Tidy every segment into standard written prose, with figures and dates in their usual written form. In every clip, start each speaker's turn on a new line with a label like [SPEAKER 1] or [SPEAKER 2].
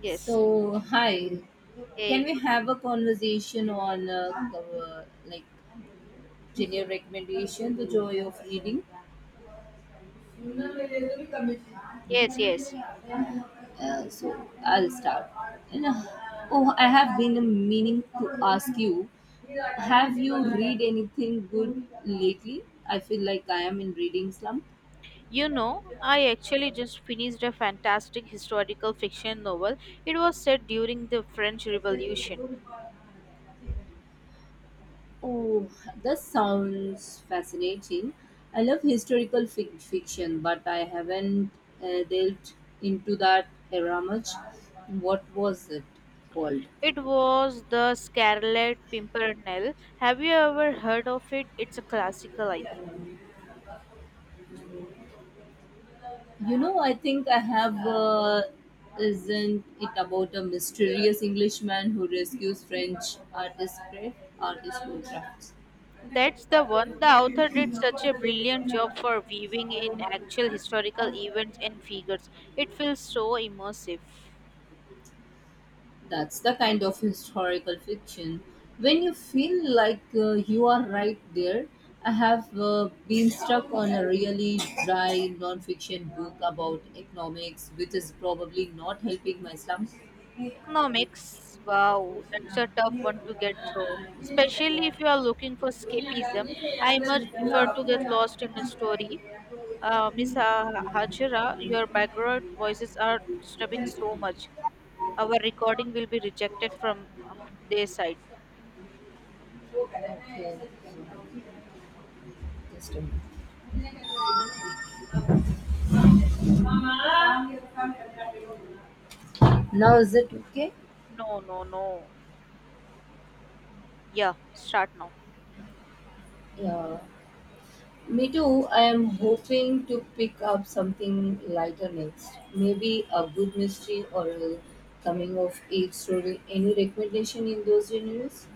[SPEAKER 1] Yes.
[SPEAKER 2] So, hi. Can
[SPEAKER 1] Hey,
[SPEAKER 2] we have a conversation on cover, like general recommendation, the joy of reading? Uh,
[SPEAKER 1] yes, yes.
[SPEAKER 2] so I'll start. And, uh, oh, I have been meaning to ask you, have you read anything good lately? I feel like I am in reading slump.
[SPEAKER 1] You know, I actually just finished a fantastic historical fiction novel. It was set during the French Revolution.
[SPEAKER 2] Oh, that sounds fascinating. I love historical fiction, but I haven't delved into that era much. What was it called?
[SPEAKER 1] It was The Scarlet Pimpernel. Have you ever heard of it? It's a classical, I think.
[SPEAKER 2] You know, I think I have. Isn't it about a mysterious Englishman who rescues French artist crafts?
[SPEAKER 1] That's the one. The author did such a brilliant job for weaving in actual historical events and figures. It feels so immersive.
[SPEAKER 2] That's the kind of historical fiction. When you feel like you are right there, I have been stuck on a really dry non-fiction book about economics, which is probably not helping my slump.
[SPEAKER 1] Economics, wow, that's a tough one to get through. Especially if you are looking for escapism, I much prefer to get lost in a story. Miss Hajira, your background voices are disturbing so much. Our recording will be rejected from their side.
[SPEAKER 2] Just a minute. Now is it okay?
[SPEAKER 1] No, no, no. Yeah, start now.
[SPEAKER 2] Yeah, me too. I am hoping to pick up something lighter next. Maybe a good mystery or a coming of age story. Any recommendation in those genres?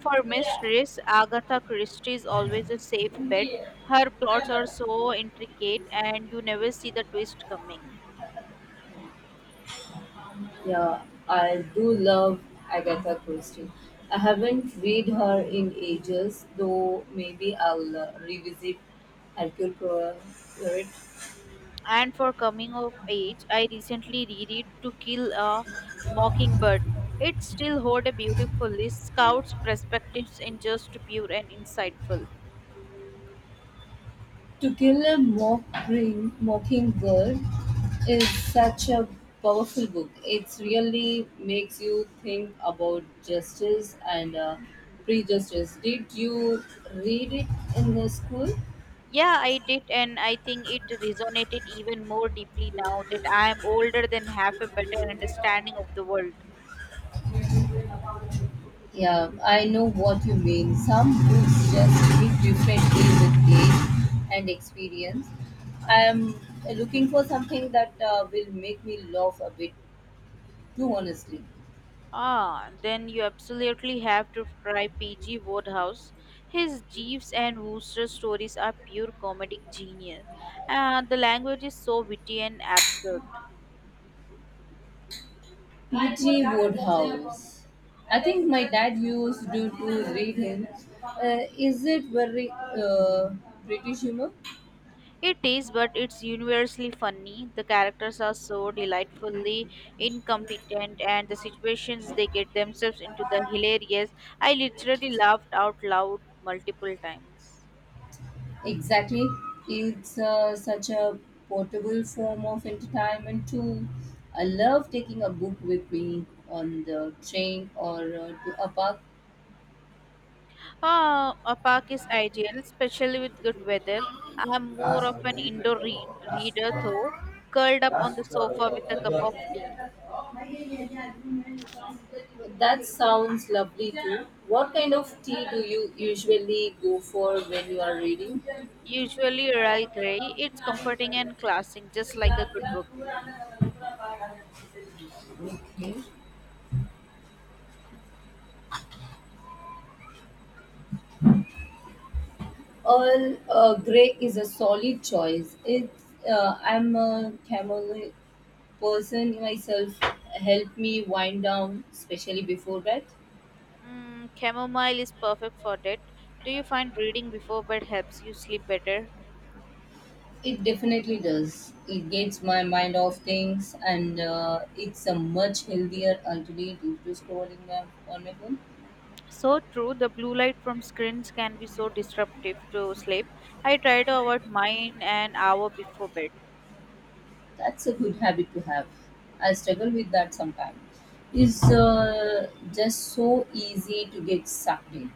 [SPEAKER 1] For mysteries, Agatha Christie is always a safe bet. Her plots are so intricate, and you never see the twist coming.
[SPEAKER 2] Yeah, I do love Agatha Christie. I haven't read her in ages, though maybe I'll revisit Hercule Poirot.
[SPEAKER 1] And for coming of age, I recently reread To Kill a Mockingbird. It still holds a beautifully scout's perspectives in just pure and insightful.
[SPEAKER 2] To Kill a Mockingbird is such a powerful book. It really makes you think about justice and prejustice. Did you read it in the school?
[SPEAKER 1] Yeah, I did, and I think it resonated even more deeply now that I am older than have a better understanding of the world.
[SPEAKER 2] Yeah, I know what you mean. Some books just hit differently with age and experience. I am looking for something that will make me laugh a bit too honestly.
[SPEAKER 1] Ah, then you absolutely have to try P.G. Wodehouse. His Jeeves and Wooster stories are pure comedic genius. The language is so witty and absurd.
[SPEAKER 2] P G. Woodhouse. I think my dad used to read him. Is it very uh, British humor?
[SPEAKER 1] It is, but it's universally funny. The characters are so delightfully incompetent, and the situations they get themselves into the hilarious. I literally laughed out loud multiple times.
[SPEAKER 2] Exactly. It's such a portable form of entertainment too. I love taking a book with me on the train or to a park
[SPEAKER 1] Ah, a park is ideal, especially with good weather. I'm more
[SPEAKER 2] Las
[SPEAKER 1] of an indoor
[SPEAKER 2] recorró,
[SPEAKER 1] reader, though, curled up on the sofa with a cup of tea.
[SPEAKER 2] that sounds lovely too. What kind of tea do you usually go for when you are reading?
[SPEAKER 1] Usually Earl Grey, it's comforting and classic, just like a good book.
[SPEAKER 2] Okay. Earl Grey is a solid choice. It's I'm a chamomile person myself. Help me wind down, especially before bed.
[SPEAKER 1] Mm, chamomile is perfect for that. Do you find reading before bed helps you sleep better?
[SPEAKER 2] It definitely does. It gets my mind off things, and it's a much healthier alternative to scrolling on my phone.
[SPEAKER 1] So true, the blue light from screens can be so disruptive to sleep. I try to avoid mine an hour before bed.
[SPEAKER 2] That's a good habit to have. I struggle with that sometimes. It's just so easy to get sucked in.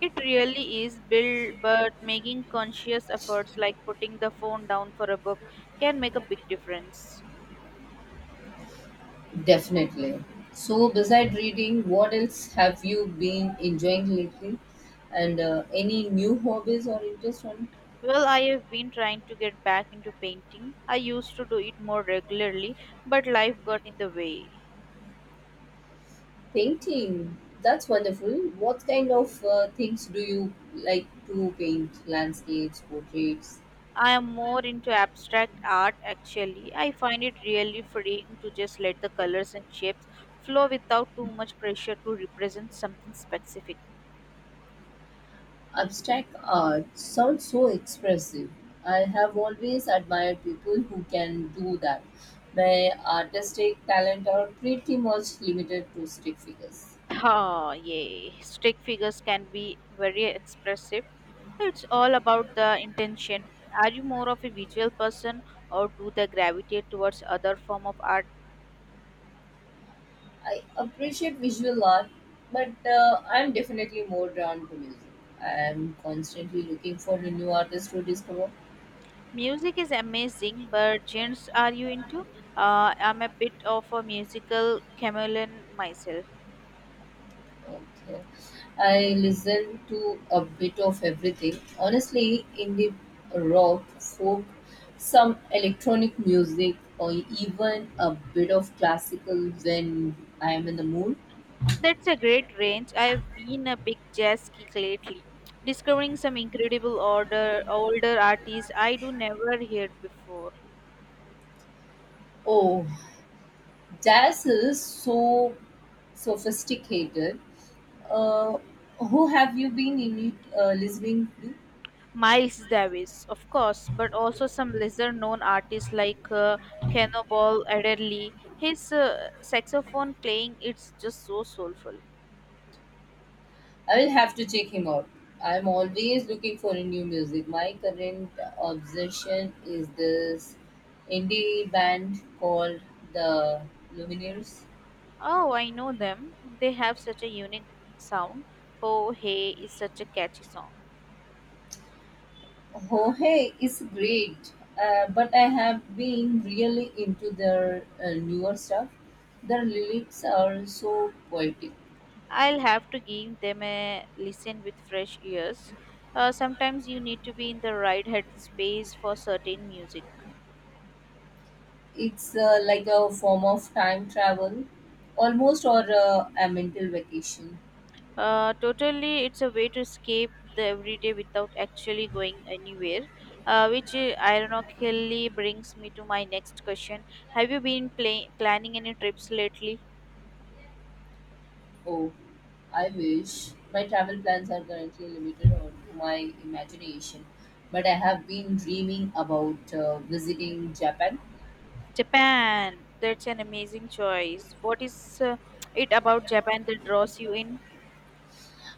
[SPEAKER 1] It really is built, but making conscious efforts like putting the phone down for a book can make a big difference.
[SPEAKER 2] Definitely. So, beside reading, what else have you been enjoying lately? And any new hobbies or interest on
[SPEAKER 1] Well, I have been trying to get back into painting. I used to do it more regularly, but life got in the way.
[SPEAKER 2] painting? That's wonderful. What kind of things do you like to paint? Landscapes, portraits,
[SPEAKER 1] I am more into abstract art actually. I find it really freeing to just let the colors and shapes flow without too much pressure to represent something specific.
[SPEAKER 2] abstract art. Sounds so expressive. I have always admired people who can do that. My artistic talent are pretty much limited to stick figures.
[SPEAKER 1] Oh, yay. Stick figures can be very expressive. It's all about the intention. Are you more of a visual person, or do they gravitate towards other form of art?
[SPEAKER 2] I appreciate visual art, but I'm definitely more drawn to music. I'm constantly looking for a new artist to discover.
[SPEAKER 1] Music is amazing, but genres are you into? I'm a bit of a musical chameleon myself.
[SPEAKER 2] Okay. I listen to a bit of everything. Honestly, indie rock, folk, some electronic music, or even a bit of classical when I am in the mood.
[SPEAKER 1] That's a great range. I've been a big jazz geek lately, discovering some incredible order older artists I do never heard before.
[SPEAKER 2] Oh, jazz is so sophisticated. Uh, who have you been listening to?
[SPEAKER 1] Miles Davis, of course, but also some lesser known artists like Cannonball Adderley. His saxophone playing it's just so soulful.
[SPEAKER 2] I will have to check him out. I'm always looking for a new music. My current obsession is this indie band called the Lumineers.
[SPEAKER 1] Oh, I know them. They have such a unique sound. Oh, hey is such a catchy song.
[SPEAKER 2] Oh, hey, it's great. But I have been really into their newer stuff. Their lyrics are so poetic.
[SPEAKER 1] I'll have to give them a listen with fresh ears. Sometimes you need to be in the right headspace for certain music.
[SPEAKER 2] It's like a form of time travel, almost, or a mental vacation.
[SPEAKER 1] Totally, it's a way to escape the everyday without actually going anywhere, which ironically brings me to my next question. Have you been planning any trips lately?
[SPEAKER 2] Oh, I wish. My travel plans are currently limited or to my imagination, but I have been dreaming about visiting Japan.
[SPEAKER 1] Japan, that's an amazing choice. What is it about Japan that draws you in?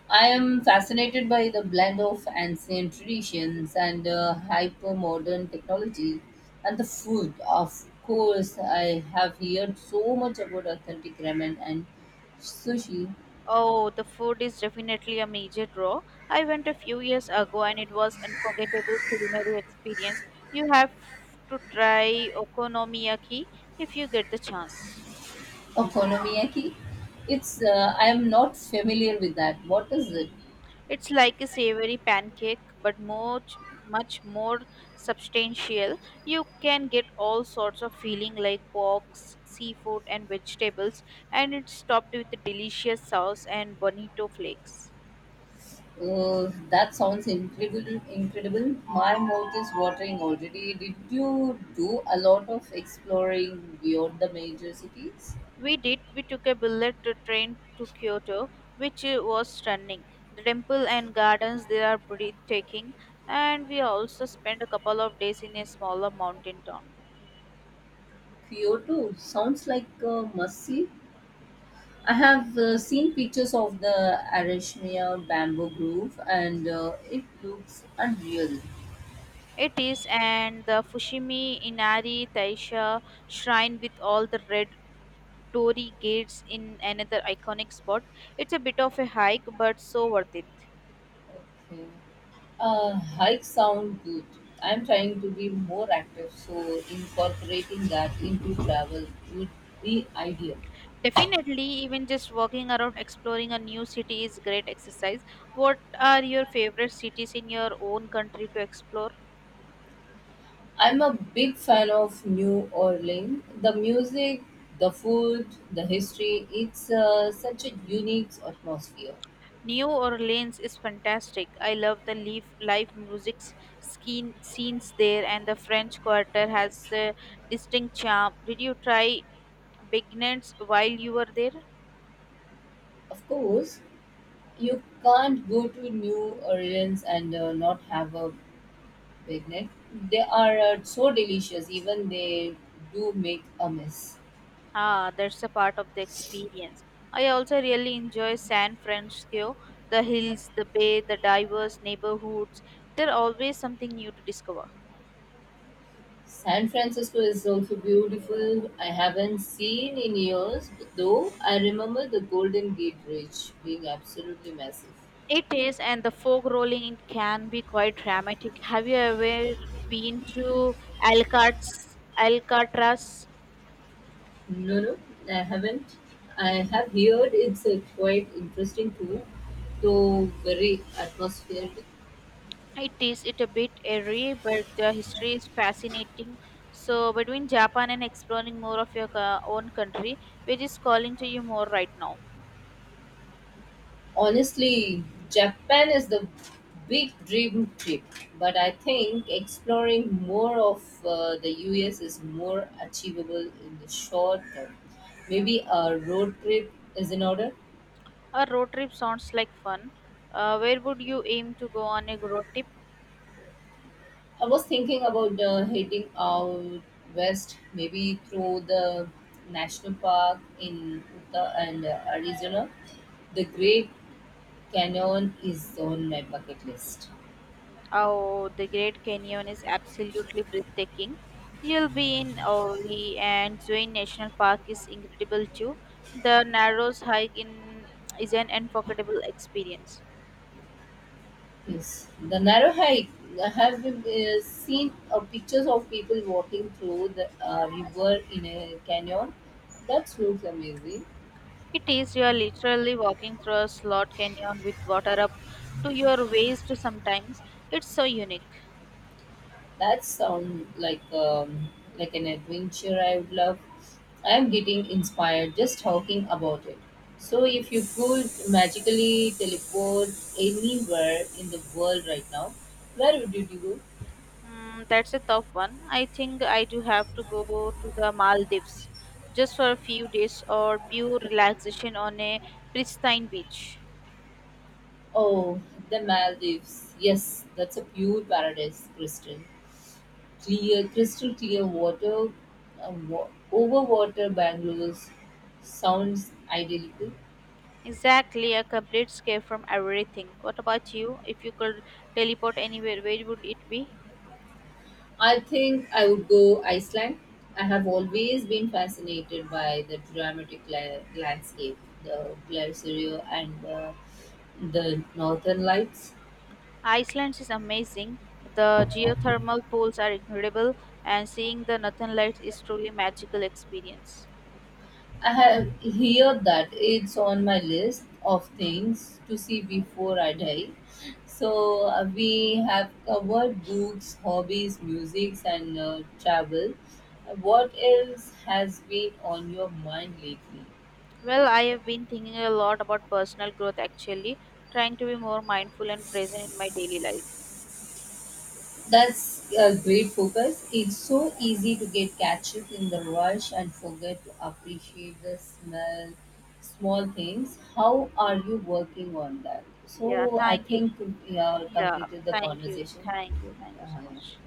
[SPEAKER 2] I am fascinated by the blend of ancient traditions and hyper modern technology and the food. Of course, I have heard so much about authentic ramen and sushi.
[SPEAKER 1] Oh, the food is definitely a major draw. I went a few years ago and it was unforgettable culinary experience. You have to try okonomiyaki if you get the chance.
[SPEAKER 2] Okonomiyaki? It's I am not familiar with that. What is it?
[SPEAKER 1] It's like a savory pancake, but much, much more substantial. You can get all sorts of filling like pork, seafood, and vegetables, and it's topped with a delicious sauce and bonito flakes.
[SPEAKER 2] That sounds Incredible. My mouth is watering already. Did you do a lot of exploring beyond the major cities?
[SPEAKER 1] We did. We took a bullet train to Kyoto, which was stunning. The temple and gardens there are breathtaking, and we also spent a couple of days in a smaller mountain town.
[SPEAKER 2] Kyoto sounds like a must see. I have seen pictures of the Arashmiya bamboo grove, and it looks unreal.
[SPEAKER 1] It is, and the Fushimi Inari Taisha shrine with all the red torii gates in another iconic spot. It's a bit of a hike, but so worth it.
[SPEAKER 2] Okay. Hike sound good. I'm trying to be more active, so incorporating that into travel would be ideal.
[SPEAKER 1] Definitely, even just walking around exploring a new city is great exercise. What are your favorite cities in your own country to explore?
[SPEAKER 2] I'm a big fan of New Orleans. The music, the food, the history, it's such a unique atmosphere.
[SPEAKER 1] New Orleans is fantastic. I love the leaf, live music skin, scenes there, and the French Quarter has a distinct charm. Did you try beginners while you were there?
[SPEAKER 2] Of course, you can't go to New Orleans and not have a bagnet. They are so delicious, even they do make a mess.
[SPEAKER 1] Ah, that's a part of the experience. I also really enjoy San Francisco, the hills, the bay, the diverse neighborhoods. There's always something new to discover.
[SPEAKER 2] San Francisco is also beautiful. I haven't seen in years, though I remember the Golden Gate Bridge being absolutely massive.
[SPEAKER 1] It is, and the fog rolling it can be quite dramatic. Have you ever been to Alcatraz? Alcatraz?
[SPEAKER 2] No, no, I haven't. I have heard it's a quite interesting tour, though very atmospheric.
[SPEAKER 1] It is it a bit airy, but the history is fascinating. So between Japan and exploring more of your own country, which is calling to you more right now?
[SPEAKER 2] Honestly, Japan is the big dream trip, but I think exploring more of the US is more achievable in the short term. Maybe a road trip is in order.
[SPEAKER 1] A road trip sounds like fun. Where would you aim to go on a road trip?
[SPEAKER 2] I was thinking about heading out west, maybe through the national park in Utah and Arizona. The Great Canyon is on my bucket list.
[SPEAKER 1] Oh, the Great Canyon is absolutely breathtaking. You'll be in Owie and Zane National Park is incredible too. The Narrows hike in is an unforgettable experience.
[SPEAKER 2] Yes, the narrow hike I have been seen pictures of people walking through the river in a canyon. That looks amazing.
[SPEAKER 1] It is you are literally walking through a slot canyon with water up to your waist sometimes. It's so unique.
[SPEAKER 2] That sounds like an adventure I would love. I am getting inspired just talking about it. So, if you could magically teleport anywhere in the world right now, where would you go?
[SPEAKER 1] Mm, that's a tough one. I think I do have to go to the Maldives just for a few days or pure relaxation on a pristine beach.
[SPEAKER 2] Oh, the Maldives. Yes, that's a pure paradise, Kristen. Clear, crystal clear water, over water Bangalore's sounds idyllic.
[SPEAKER 1] Exactly, a complete escape from everything. What about you? If you could teleport anywhere, where would it be?
[SPEAKER 2] I think I would go Iceland. I have always been fascinated by the dramatic landscape, the glacier and the northern lights.
[SPEAKER 1] Iceland is amazing. The geothermal pools are incredible, and seeing the northern lights is truly magical experience.
[SPEAKER 2] I have heard that it's on my list of things to see before I die. So we have covered books, hobbies, music, and travel. What else has been on your mind lately?
[SPEAKER 1] Well, I have been thinking a lot about personal growth actually, trying to be more mindful and present in my daily life.
[SPEAKER 2] That's a great focus. It's so easy to get catch up in the rush and forget to appreciate the small things. How are you working on that?
[SPEAKER 1] Yeah,
[SPEAKER 2] So I
[SPEAKER 1] thank you.
[SPEAKER 2] think we have
[SPEAKER 1] Yeah,
[SPEAKER 2] completed the
[SPEAKER 1] thank you.
[SPEAKER 2] conversation.
[SPEAKER 1] Thank you. Thank you so
[SPEAKER 2] Uh, yeah.
[SPEAKER 1] much.